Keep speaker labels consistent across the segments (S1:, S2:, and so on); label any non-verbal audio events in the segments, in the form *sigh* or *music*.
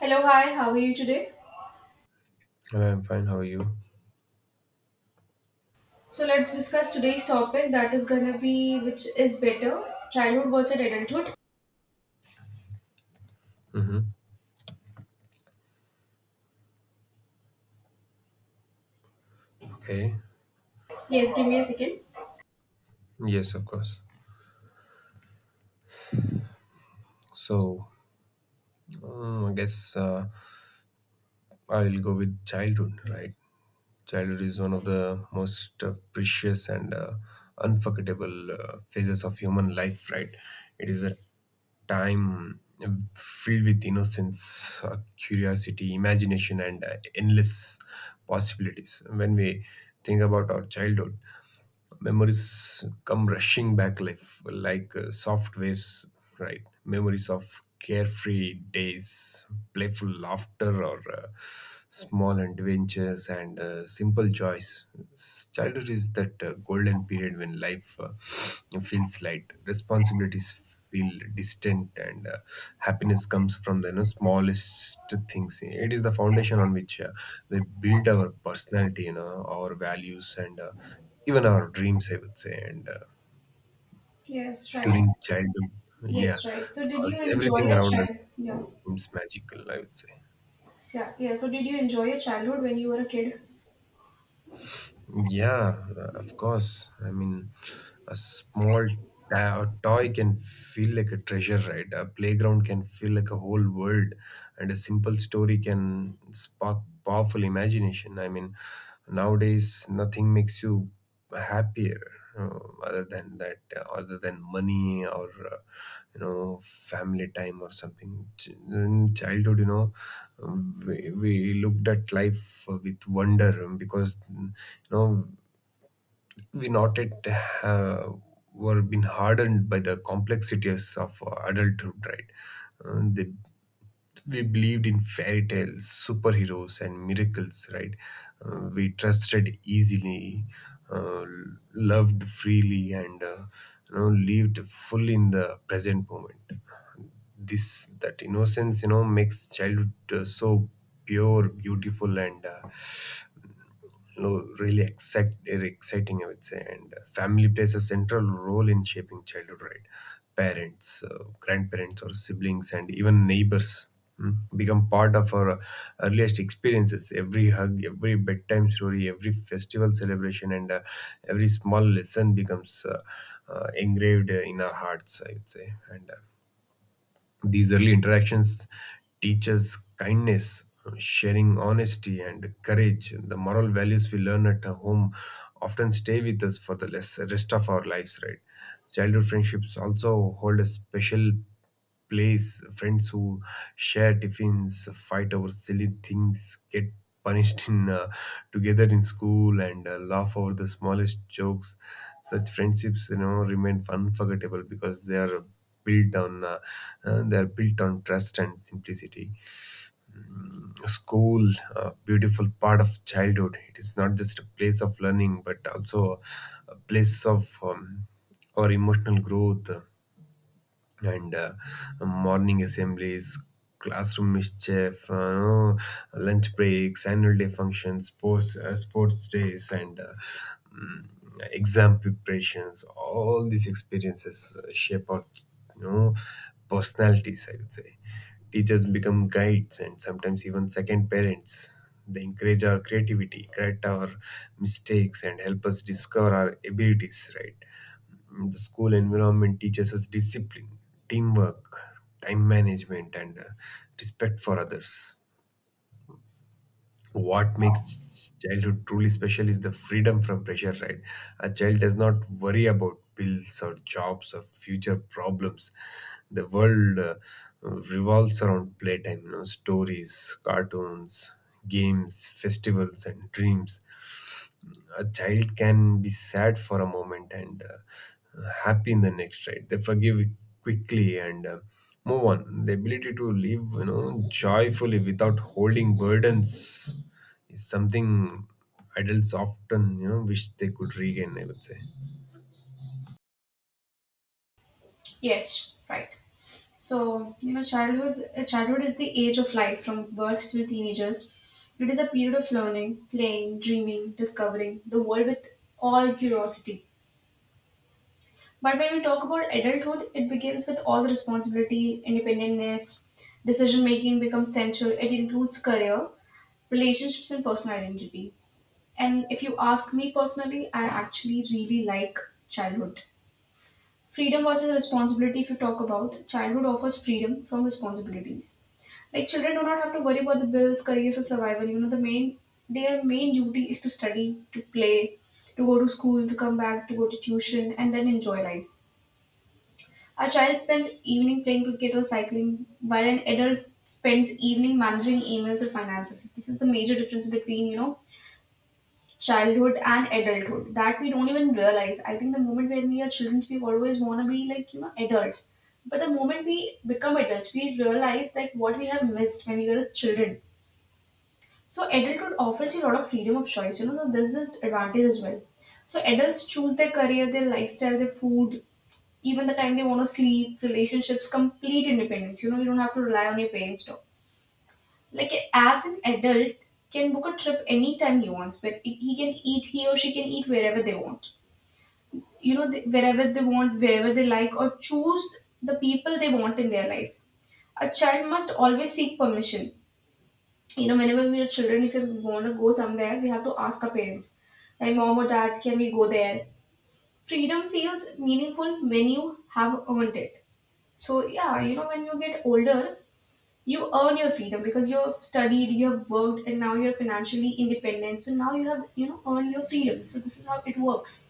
S1: Hello, hi, how are you today?
S2: Well, I'm fine. How are you?
S1: So let's discuss today's topic that is gonna be which is better, childhood versus adulthood.
S2: Mm-hmm. Okay.
S1: Yes, give me a second.
S2: Yes, of course. So I guess I'll go with childhood, right? Childhood is one of the most precious and unforgettable phases of human life, right? It is a time filled with innocence, curiosity, imagination, and endless possibilities. When we think about our childhood, memories come rushing back life like soft waves, right? Memories of carefree days, playful laughter, or small adventures, and simple joys. Childhood is that golden period when life feels light, responsibilities feel distant, and happiness comes from the, you know, smallest things. It is the foundation on which we build our personality, you know, our values, and even our dreams, I would say. And
S1: Yes, right.
S2: During childhood,
S1: Yes,
S2: yeah,
S1: right. So did
S2: because
S1: you enjoy
S2: everything
S1: your
S2: around us
S1: child? Yeah.
S2: seems magical, I would say.
S1: So, yeah, yeah, so did you enjoy your childhood when you were a kid?
S2: Yeah, of course. I mean, a small a toy can feel like a treasure, right? A playground can feel like a whole world, and a simple story can spark powerful imagination. I mean, nowadays, nothing makes you happier. uh, Other than that, other than money or uh, family time or something. In childhood, we looked at life with wonder, because, you know, we not yet uh, were been hardened by the complexities of adulthood, right? Uh, they, we believed in fairy tales, superheroes, and miracles, right? We trusted easily, uh, loved freely, and you know, lived fully in the present moment. This That innocence, you know, makes childhood so pure, beautiful, and really exciting, I would say. And family plays a central role in shaping childhood, right? Parents, grandparents, or siblings, and even neighbors become part of our earliest experiences. Every hug, every bedtime story, every festival celebration, and every small lesson becomes engraved in our hearts, I would say. And these early interactions teach us kindness, sharing, honesty, and courage. The moral values we learn at home often stay with us for the rest of our lives, right? Childhood friendships also hold a special place. Friends who share tiffins, fight over silly things, get punished in together in school, and laugh over the smallest jokes. Such friendships, you know, remain unforgettable because they are built on they are built on trust and simplicity. School, a beautiful part of childhood, it is not just a place of learning but also a place of our emotional growth. And morning assemblies, classroom mischief, no, lunch breaks, annual day functions, sports days, and mm, exam preparations. All these experiences shape our, you know, personalities, I would say. Teachers become guides and sometimes even second parents. They encourage our creativity, correct our mistakes, and help us discover our abilities, right? The school environment teaches us discipline, teamwork, time management, and respect for others. What makes childhood truly special is the freedom from pressure, right? A child does not worry about bills or jobs or future problems. The world revolves around playtime, you know, stories, cartoons, games, festivals, and dreams. A child can be sad for a moment and happy in the next, right? They forgive quickly and move on. The ability to live, you know, joyfully without holding burdens is something adults often, you know, wish they could regain, I would say.
S1: Yes, right. So you know, childhood is the age of life from birth till teenagers. It is a period of learning, playing, dreaming, discovering the world with all curiosity. But when we talk about adulthood, it begins with all the responsibility, independence, decision making becomes central. It includes career, relationships, and personal identity. And if you ask me personally, I actually really like childhood. Freedom versus responsibility, if you talk about, childhood offers freedom from responsibilities. Like children do not have to worry about the bills, careers, or survival. You know, their main duty is to study, to play, to go to school, to come back, to go to tuition, and then enjoy life. A child spends evening playing cricket or cycling, while an adult spends evening managing emails or finances. So this is the major difference between you know childhood and adulthood that we don't even realize. I think the moment when we are children, we always want to be like you know adults. But the moment we become adults, we realize like what we have missed when we were children. So adulthood offers you a lot of freedom of choice. You know, so there's this advantage as well. So adults choose their career, their lifestyle, their food, even the time they want to sleep, relationships, complete independence. You know, you don't have to rely on your parents. No. Like as an adult, can book a trip anytime he wants, but he can eat, he or she can eat wherever they want. You know, they, wherever they want, wherever they like, or choose the people they want in their life. A child must always seek permission. You know, whenever we are children, if we want to go somewhere, we have to ask our parents, like mom or dad, can we go there? Freedom feels meaningful when you have earned it. So yeah, you know, when you get older, you earn your freedom because you have studied, you have worked, and now you're financially independent. So now you have, you know, earned your freedom. So this is how it works.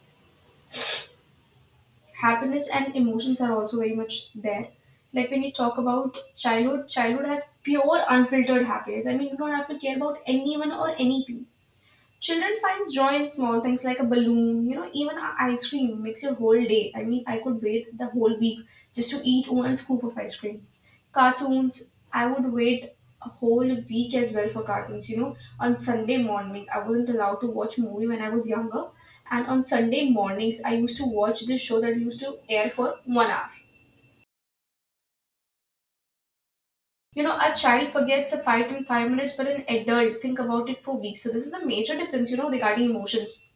S1: Happiness and emotions are also very much there. Like when you talk about childhood, childhood has pure unfiltered happiness. I mean, you don't have to care about anyone or anything. Children finds joy in small things like a balloon, you know, even ice cream makes your whole day. I mean, I could wait the whole week just to eat one scoop of ice cream. Cartoons, I would wait a whole week as well for cartoons, you know. On Sunday morning, I wasn't allowed to watch movie when I was younger, and on Sunday mornings, I used to watch this show that used to air for 1 hour. You know, a child forgets a fight in 5 minutes, but an adult think about it for weeks. So this is the major difference, you know, regarding emotions.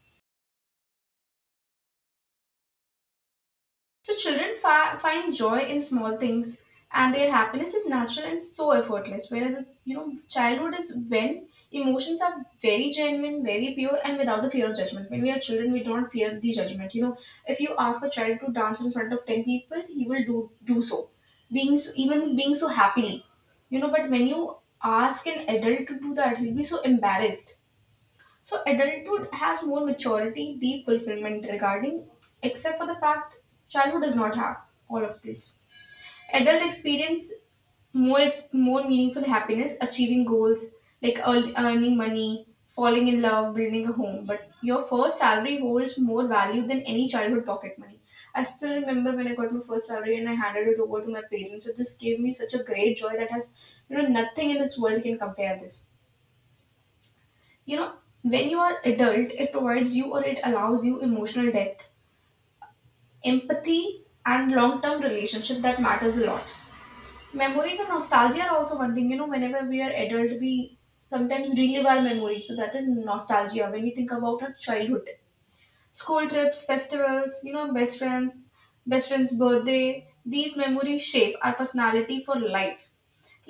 S1: So children find joy in small things, and their happiness is natural and so effortless. Whereas you know, childhood is when emotions are very genuine, very pure, and without the fear of judgment. When we are children, we don't fear the judgment. You know, if you ask a child to dance in front of 10 people, he will do so, being so happily. You know, but when you ask an adult to do that, he'll be so embarrassed. So adulthood has more maturity, deep fulfillment regarding, except for the fact childhood does not have all of this. Adult experience more meaningful happiness, achieving goals like earning money, falling in love, building a home. But your first salary holds more value than any childhood pocket money. I still remember when I got my first salary and I handed it over to my parents. So this gave me such a great joy that has, you know, nothing in this world can compare this. You know, when you are adult it provides you or it allows you emotional depth, empathy, and long-term relationship that matters a lot. Memories and nostalgia are also one thing. You know, whenever we are adult we sometimes relive our memories, so that is nostalgia. When we think about our childhood, school trips, festivals, you know, best friends birthday, these memories shape our personality for life.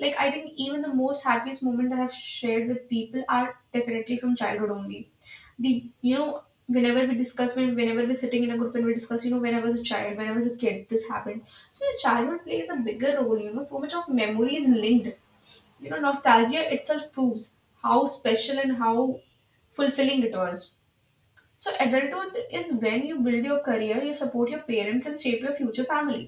S1: Like I think even the most happiest moment that I've shared with people are definitely from childhood only. The, you know, whenever we discuss, whenever we're sitting in a group and we discuss, you know, when I was a child, when I was a kid, this happened. So your childhood plays a bigger role. You know, so much of memory is linked. You know, nostalgia itself proves how special and how fulfilling it was. So adulthood is when you build your career, you support your parents and shape your future family.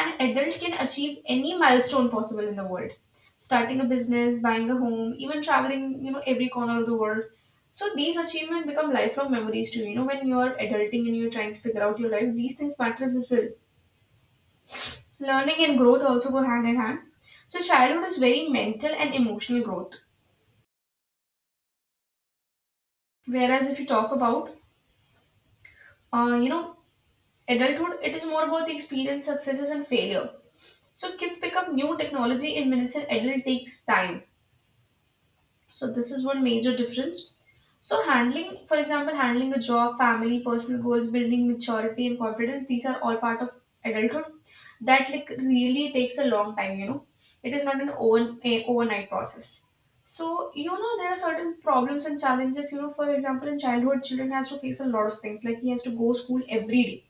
S1: An adult can achieve any milestone possible in the world. Starting a business, buying a home, even traveling, you know, every corner of the world. So these achievements become lifelong memories to you. You know, when you're adulting and you're trying to figure out your life, these things matter as well. Learning and growth also go hand in hand. So childhood is very mental and emotional growth. Whereas if you talk about, uh, you know, adulthood, it is more about the experience, successes, and failure. So kids pick up new technology in minutes, and adult takes time. So this is one major difference. So handling, for example, handling a job, family, personal goals, building maturity and confidence, these are all part of adulthood. That like really takes a long time, you know. It is not a overnight process. So you know there are certain problems and challenges. You know, for example, in childhood, children has to face a lot of things. Like he has to go school every day.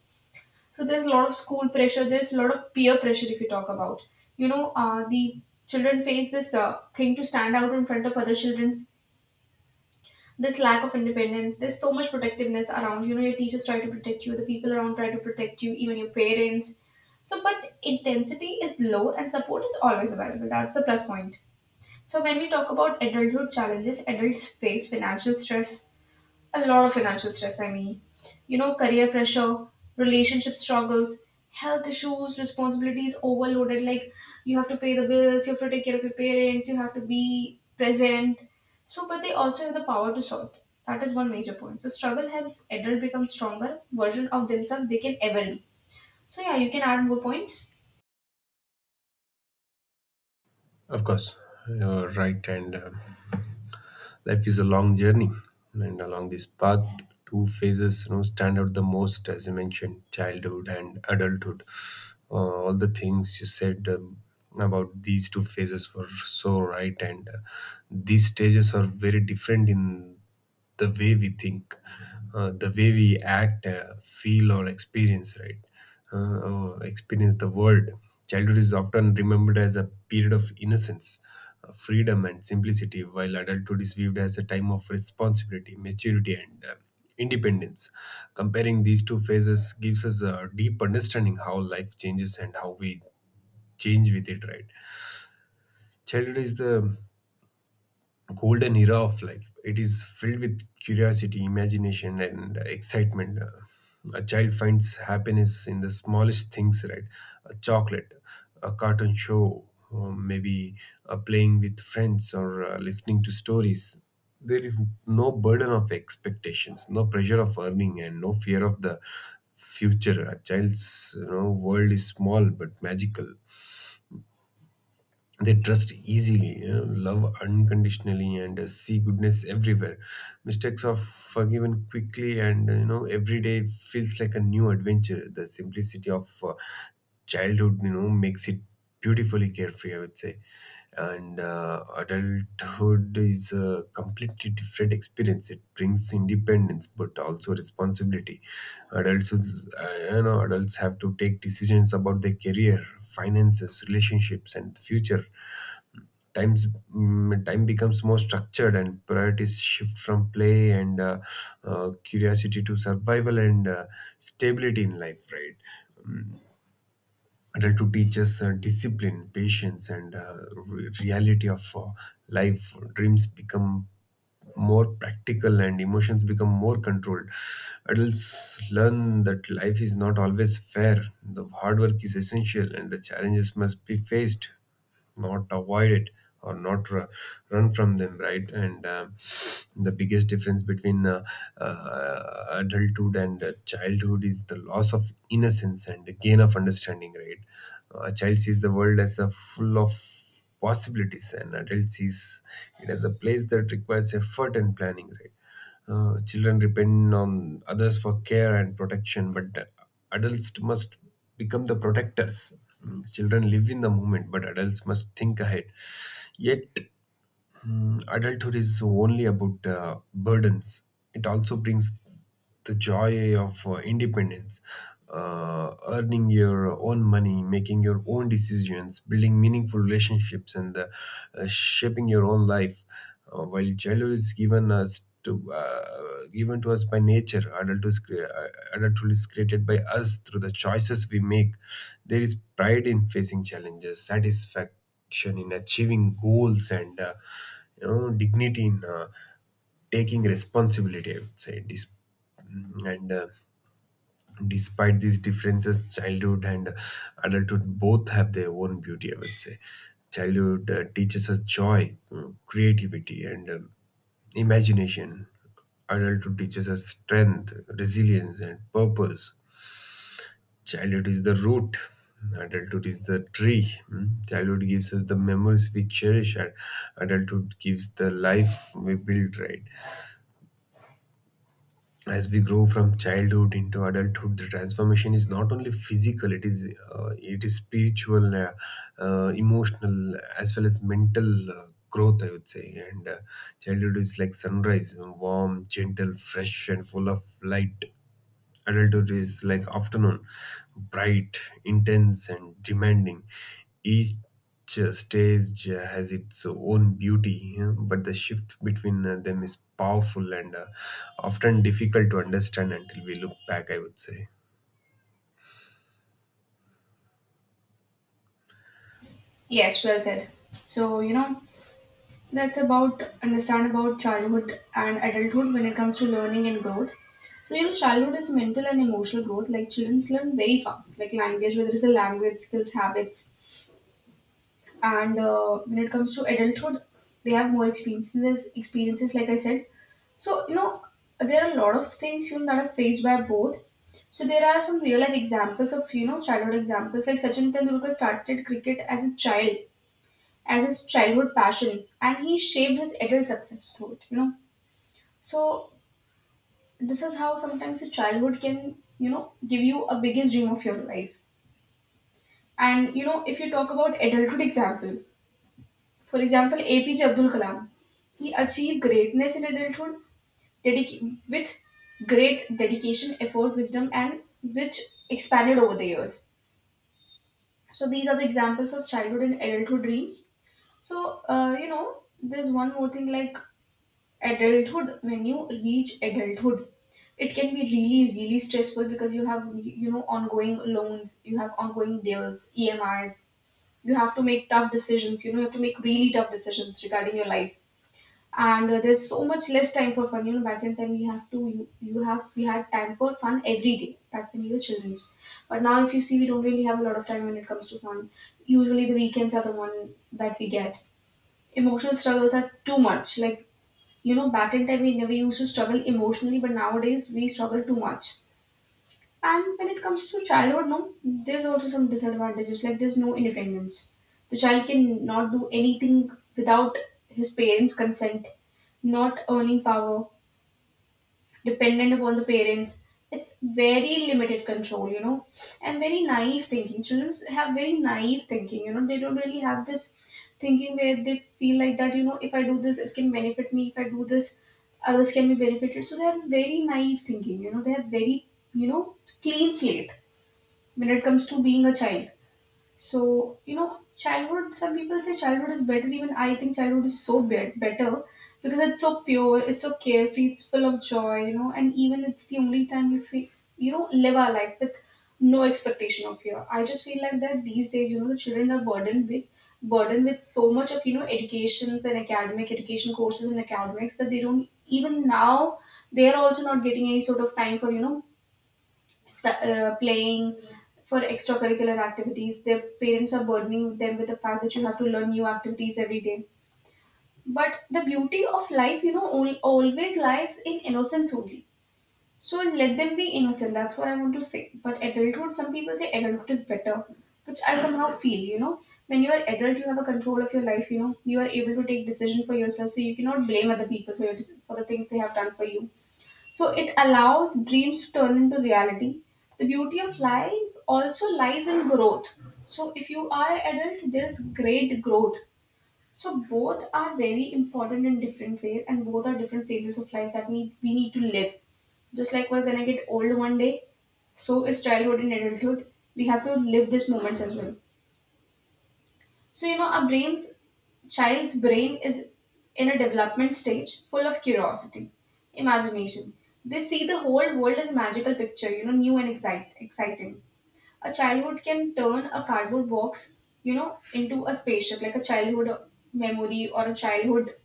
S1: So there's a lot of school pressure. There's a lot of peer pressure if you talk about. You know, the children face this thing to stand out in front of other children, this lack of independence. There's so much protectiveness around, you know, your teachers try to protect you, the people around try to protect you, even your parents. So but intensity is low and support is always available, that's the plus point. So when we talk about adulthood challenges, adults face financial stress, a lot of financial stress, I mean. You know, career pressure, relationship struggles, health issues, responsibilities overloaded. Like, you have to pay the bills, you have to take care of your parents, you have to be present. So, but they also have the power to solve. That is one major point. So, struggle helps adult become stronger version of themselves they can ever be. So, yeah, you can add more points.
S2: Of course, you're right. And life is a long journey, and along this path, two phases, you know, stand out the most. As you mentioned, childhood and adulthood, all the things you said, about these two phases were so right. And these stages are very different in the way we think, the way we act, feel or experience, right? Or experience the world. Childhood is often remembered as a period of innocence, freedom, and simplicity, while adulthood is viewed as a time of responsibility, maturity, and independence. Comparing these two phases gives us a deep understanding how life changes and how we change with it, right? Childhood is the golden era of life. It is filled with curiosity, imagination, and excitement. A child finds happiness in the smallest things, right? A chocolate, a cartoon show, or maybe playing with friends or listening to stories. There is no burden of expectations, no pressure of earning, and no fear of the future. A child's, you know, world is small but magical. They trust easily, you know, love unconditionally, and see goodness everywhere. Mistakes are forgiven quickly, and you know, every day feels like a new adventure. The simplicity of childhood, you know, makes it beautifully carefree, I would say. And adulthood is a completely different experience. It brings independence but also responsibility. adults who- you know, adults have to take decisions about their career, finances, relationships, and future times time becomes more structured, and priorities shift from play and curiosity to survival and stability in life, right? Adulthood teaches discipline, patience, and reality of life. Dreams become more practical, and emotions become more controlled. Adults learn that life is not always fair, the hard work is essential, and the challenges must be faced, not avoid it, or not ru- run from them, right? And the biggest difference between adulthood and childhood is the loss of innocence and the gain of understanding, right? A child sees the world as a full of possibilities, and adult sees it as a place that requires effort and planning, right? Children depend on others for care and protection, but adults must become the protectors. Children live in the moment, but adults must think ahead. Yet, adulthood is only about burdens. It also brings the joy of independence, earning your own money, making your own decisions, building meaningful relationships, and shaping your own life. While childhood is given us to given to us by nature, adulthood is, adulthood is created by us through the choices we make. There is pride in facing challenges, satisfaction action, in achieving goals, and you know, dignity in taking responsibility, I would say. Dis- mm, and Despite these differences, childhood and adulthood both have their own beauty, I would say. Childhood teaches us joy, creativity, and imagination. Adulthood teaches us strength, resilience, and purpose. Childhood is the root, adulthood is the tree. Mm. Childhood gives us the memories we cherish, and adulthood gives the life we build, right? As we grow from childhood into adulthood, the transformation is not only physical; it is spiritual, emotional, as well as mental. Growth, I would say. And childhood is like sunrise, warm, gentle, fresh, and full of light. Adulthood is like afternoon, bright, intense, and demanding. Each stage has its own beauty, yeah, but the shift between them is powerful and often difficult to understand until we look back, I would say.
S1: Yes, well said. So, you know, that's about understand about childhood and adulthood. When it comes to learning and growth, so you know childhood is mental and emotional growth, like children learn very fast, like language, whether it's a language skills, habits. And when it comes to adulthood, they have more experiences like I said. So you know there are a lot of things, you know, that are faced by both. So there are some real life examples of, you know, childhood examples like Sachin Tendulkar started cricket as a child, as his childhood passion, and he shaped his adult success through it, you know. So this is how sometimes your childhood can, you know, give you a biggest dream of your life. And you know, if you talk about adulthood example, for example APJ Abdul Kalam, he achieved greatness in adulthood, with great dedication, effort, wisdom, and which expanded over the years. So these are the examples of childhood and adulthood dreams. So you know there's one more thing, like adulthood, when you reach adulthood, it can be really really stressful because you have, you know, ongoing loans, you have ongoing bills, EMIs, you have to make tough decisions. You know, you have to make really tough decisions regarding your life. And there's so much less time for fun. You know, back in time you have to you, you have we had time for fun every day back when we were children. But now if you see we don't really have a lot of time when it comes to fun. Usually the weekends are the one that we get. Emotional struggles are too much. Like, you know, back in time we never used to struggle emotionally but nowadays we struggle too much. And when it comes to childhood, no, there's also some disadvantages like there's no independence. The child can not do anything without his parents consent. Not earning power, dependent upon the parents. It's very limited control, and very naive thinking. Children have very naive thinking, they don't really have this thinking where they feel like that, if I do this, it can benefit me. If I do this, others can be benefited. So they have very naive thinking, they have very, you know, clean slate when it comes to being a child. So, childhood, some people say childhood is better. Even I think childhood is so better because it's so pure, it's so carefree, it's full of joy, and even it's the only time we feel, live our life with no expectation of fear. I just feel like that these days, the children are burdened with so much of, educations and academic education courses and academics that they don't even now they are also not getting any sort of time for, playing for extracurricular activities. Their parents are burdening them with the fact that you have to learn new activities every day. But the beauty of life, always lies in innocence only. So let them be innocent. That's what I want to say. But adulthood, some people say adulthood is better, which I somehow feel. When you are adult, you have a control of your life. You are able to take decision for yourself, so you cannot blame other people for for the things they have done for you, so it allows dreams to turn into reality. The beauty of life also lies in growth. So if you are adult, there is great growth. So both are very important in different ways, and both are different phases of life that need we need to live. Just like we're gonna get old one day, so is childhood and adulthood. We have to live these moments as well. So, our brain's child's brain is in a development stage full of curiosity, imagination. They see the whole world as a magical picture, new and exciting. A childhood can turn a cardboard box, into a spaceship, like a childhood memory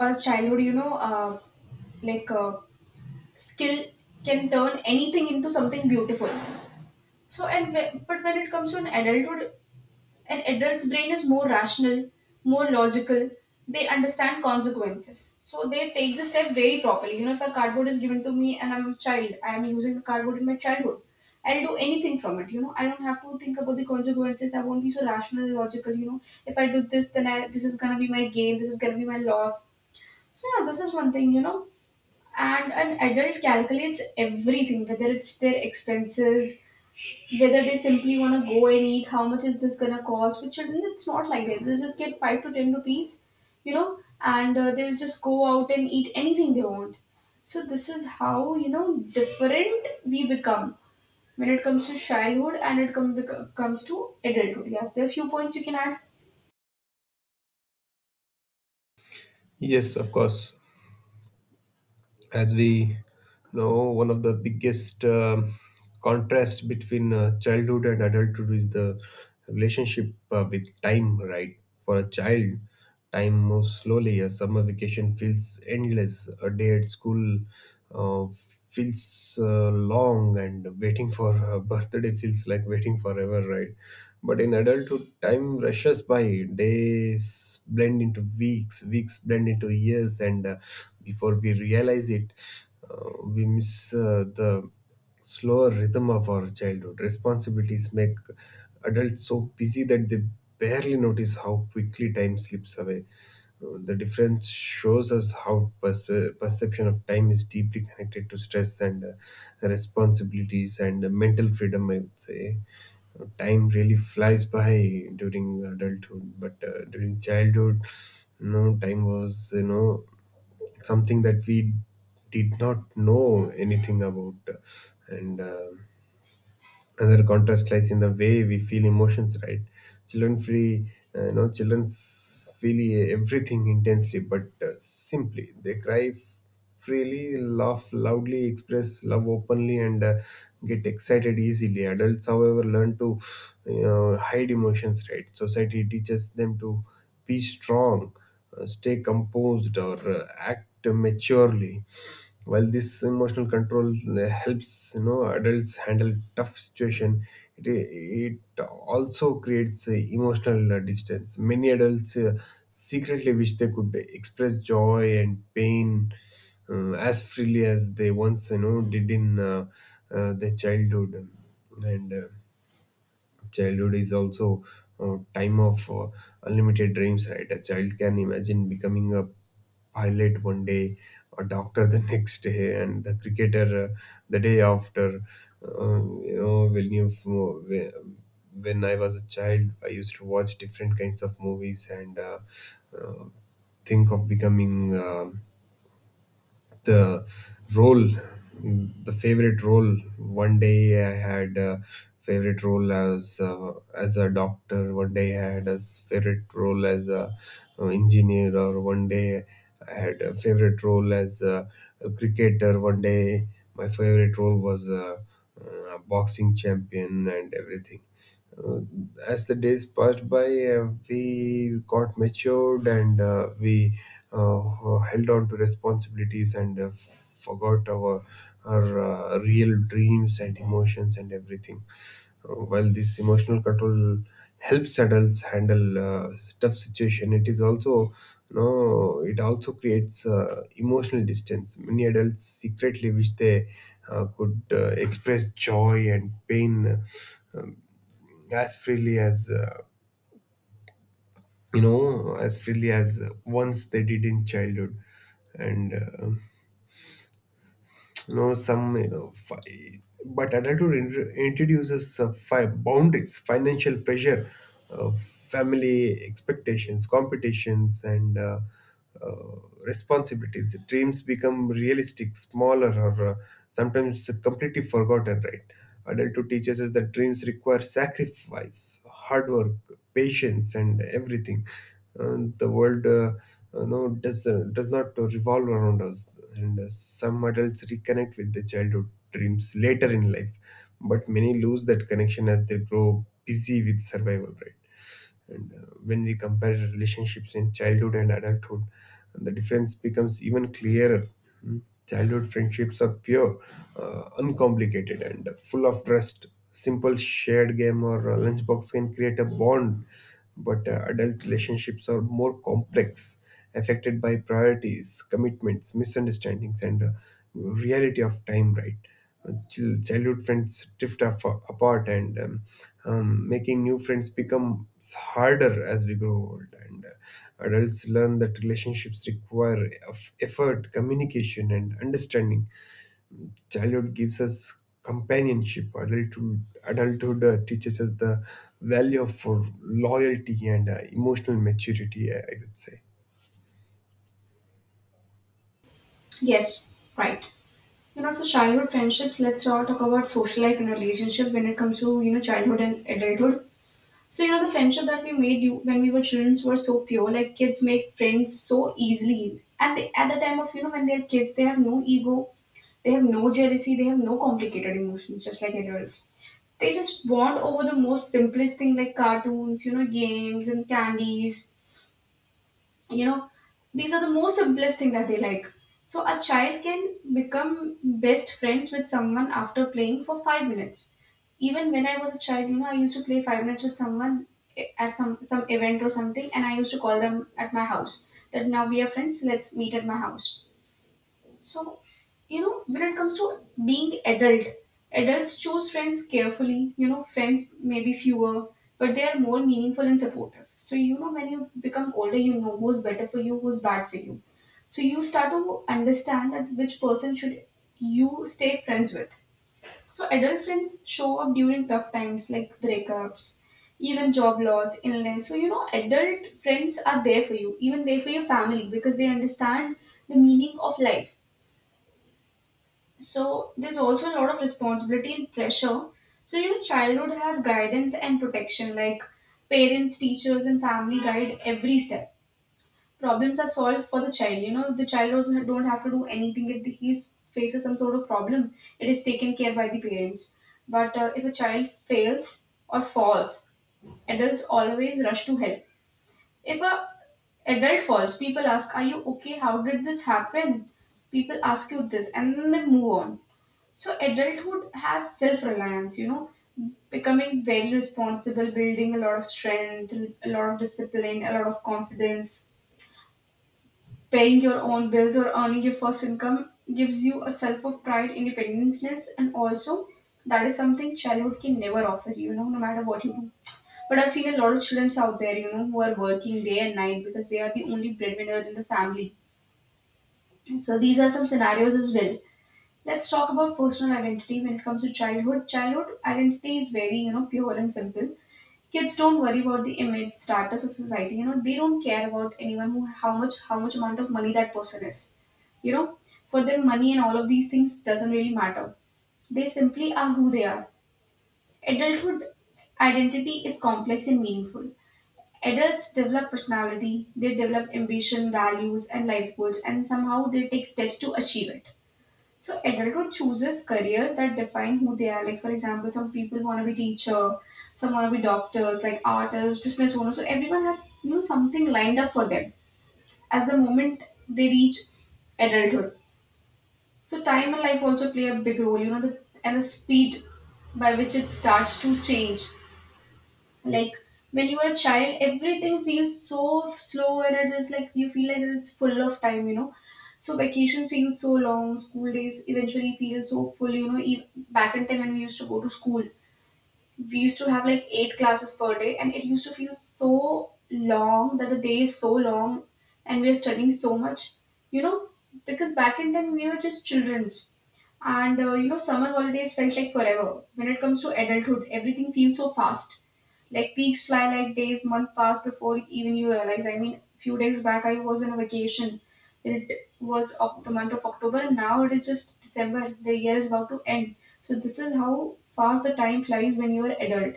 S1: or a childhood, you know, uh, like a skill can turn anything into something beautiful. So, but when it comes to an adulthood, an adult's brain is more rational, more logical. They understand consequences. So they take the step very properly. If a cardboard is given to me and I'm a child, I am using the cardboard in my childhood. I'll do anything from it. I don't have to think about the consequences. I won't be so rational and logical. If I do this, then this is gonna be my gain. This is gonna be my loss. So yeah, this is one thing. And an adult calculates everything, whether it's their expenses, whether they simply want to go and eat, how much is this gonna cost? With children, it's not like that. They just get 5 to 10 rupees, and they'll just go out and eat anything they want. So this is how different we become when it comes to childhood and it comes to adulthood. Yeah, there are few points you can add.
S2: Yes, of course. As we know, one of the biggest contrast between childhood and adulthood is the relationship with time, right? For a child, time moves slowly. A summer vacation feels endless. A day at school uh, feels long, and waiting for a *laughs* birthday feels like waiting forever, right? But in adulthood, time rushes by. Days blend into weeks, weeks blend into years, and before we realize it, we miss the slower rhythm of our childhood. Responsibilities make adults so busy that they barely notice how quickly time slips away. The difference shows us how perception of time is deeply connected to stress and responsibilities and mental freedom, I would say. Time really flies by during adulthood, but during childhood, no, time was, you know, something that we did not know anything about. And another contrast lies in the way we feel emotions, right? children free you know Children feel everything intensely, but simply, they cry freely, laugh loudly, express love openly, and get excited easily. Adults, however, learn to, you know, hide emotions, right? Society teaches them to be strong, stay composed, or act maturely. While this emotional control helps, you know, adults handle tough situation, it also creates emotional distance. Many adults secretly wish they could express joy and pain as freely as they once, you know, did in their childhood. And childhood is also a time of unlimited dreams, right? A child can imagine becoming a pilot one day, a doctor the *laughs* next day, and the cricketer the day after. Uh, you know, when you when I was a child, I used to watch different kinds of movies and uh, think of becoming. The role the favorite role One day I had a favorite role as a doctor, one day I had a favorite role as a engineer, or one day I had a favorite role as a cricketer, one day my favorite role was boxing champion, and everything. Uh, as the days passed by, we got matured, and we held on to responsibilities, and forgot our real dreams and emotions and everything. Well, this emotional control helps adults handle tough situation. It is also, you know, it also creates emotional distance. Many adults secretly wish they could express joy and pain as freely as as freely as once they did in childhood. And you know some you know fi- But adulthood introduces boundaries, financial pressure, family expectations, competitions, and uh, responsibilities. Dreams become realistic, smaller, or sometimes completely forgotten, right? Adulthood teaches us that dreams require sacrifice, hard work, patience, and everything. And the world does not revolve around us. And some adults reconnect with their childhood dreams later in life, but many lose that connection as they grow busy with survival, right? And when we compare relationships in childhood and adulthood, the difference becomes even clearer. Mm. Childhood friendships are pure, uncomplicated, and full of trust. Simple shared game or lunchbox can create a bond, but adult relationships are more complex, affected by priorities, commitments, misunderstandings, and reality of time, right? Childhood friends drift apart, and making new friends becomes harder as we grow old. And adults learn that relationships require effort, communication, and understanding. Childhood gives us companionship. Adulthood teaches us the value of loyalty and emotional maturity, I would say.
S1: Yes, right. So childhood friendships. Let's now talk about social life and relationship when it comes to childhood and adulthood. So the friendship that we made you when we were children were so pure. Like kids make friends so easily, and they, at the time of when they are kids, they have no ego, they have no jealousy, they have no complicated emotions, just like adults. They just bond over the most simplest thing like cartoons, games and candies, you know these are the most simplest thing that they like. So a child can become best friends with someone after playing for 5 minutes. Even when I was a child, I used to play 5 minutes with someone at some event or something, and I used to call them at my house that now we are friends, let's meet at my house. So, when it comes to being adult, adults choose friends carefully. Friends may be fewer, but they are more meaningful and supportive. So, when you become older, you know who's better for you, who's bad for you. So, you start to understand that which person should you stay friends with. So, adult friends show up during tough times like breakups, even job loss, illness. So, adult friends are there for you, even there for your family because they understand the meaning of life, so there's also a lot of responsibility and pressure. So childhood has guidance and protection, like parents, teachers, and family guide every step. Problems are solved for the child. The child doesn't don't have to do anything if he faces some sort of problem. It is taken care by the parents. But if a child fails or falls, adults always rush to help. If a adult falls, people ask, "Are you okay? How did this happen?" People ask you this, and then they move on. So adulthood has self-reliance, becoming very responsible, building a lot of strength, a lot of discipline, a lot of confidence. Paying your own bills or earning your first income gives you a self of pride, independenceness, and also that is something childhood can never offer you, no matter what you do. But I've seen a lot of students out there, who are working day and night because they are the only breadwinners in the family. So these are some scenarios as well. Let's talk about personal identity when it comes to childhood. Childhood identity is very, pure and simple. Kids don't worry about the image, status, or society. They don't care about anyone who how much amount of money that person is. You know, for them, money and all of these things doesn't really matter. They simply are who they are. Adulthood identity is complex and meaningful. Adults develop personality, they develop ambition, values, and life goals, and somehow they take steps to achieve it. So adulthood chooses career that define who they are. Like for example, some people want to be teacher, some want to be doctors, like artists, business owners. So everyone has something lined up for them as the moment they reach adulthood. So time and life also play a big role. The and the speed by which it starts to change, like when you are a child everything feels so slow and it is like you feel like it's full of time, so vacation feels so long, school days eventually feel so full, back in time when we used to go to school we used to have like eight classes per day and it used to feel so long that the day is so long and we are studying so much, you know because back in time we were just children. And summer holidays felt like forever. When it comes to adulthood, everything feels so fast. Like weeks fly like days, month pass before even you realize. I mean, few days back I was on a vacation. It was of the month of October, and now it is just December. The year is about to end. So this is how fast the time flies when you are adult.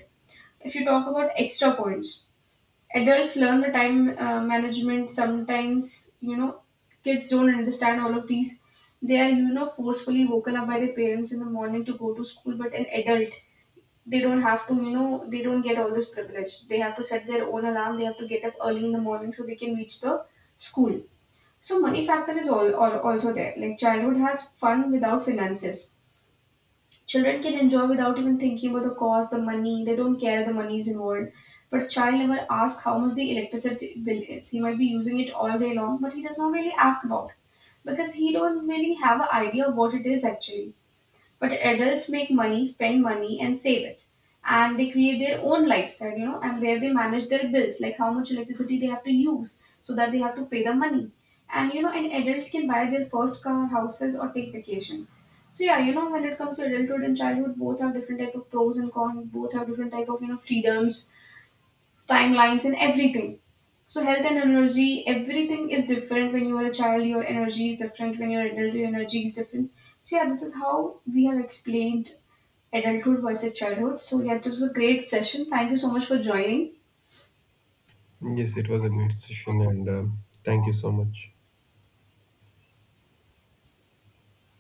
S1: If you talk about extra points, adults learn the time management sometimes, kids don't understand all of these. They are forcefully woken up by their parents in the morning to go to school, but an adult, they don't have to, they don't get all this privilege. They have to set their own alarm, they have to get up early in the morning so they can reach the school. So money factor is all also there, like childhood has fun without finances. Children can enjoy without even thinking about the cost, the money. They don't care if the money is involved. But a child never asks how much the electricity bill is. He might be using it all day long, but he does not really ask about it because he don't really have an idea of what it is actually. But adults make money, spend money, and save it, and they create their own lifestyle, and where they manage their bills like how much electricity they have to use so that they have to pay the money. And an adult can buy their first car, houses, or take vacation. So yeah, when it comes to adulthood and childhood, both have different type of pros and cons, both have different type of, freedoms, timelines, and everything. So health and energy, everything is different. When you are a child, your energy is different. When you're adult, your energy is different. So yeah, this is how we have explained adulthood versus childhood. So yeah, this was a great session. Thank you so much for joining.
S2: Yes, it was a great session, and thank you so much.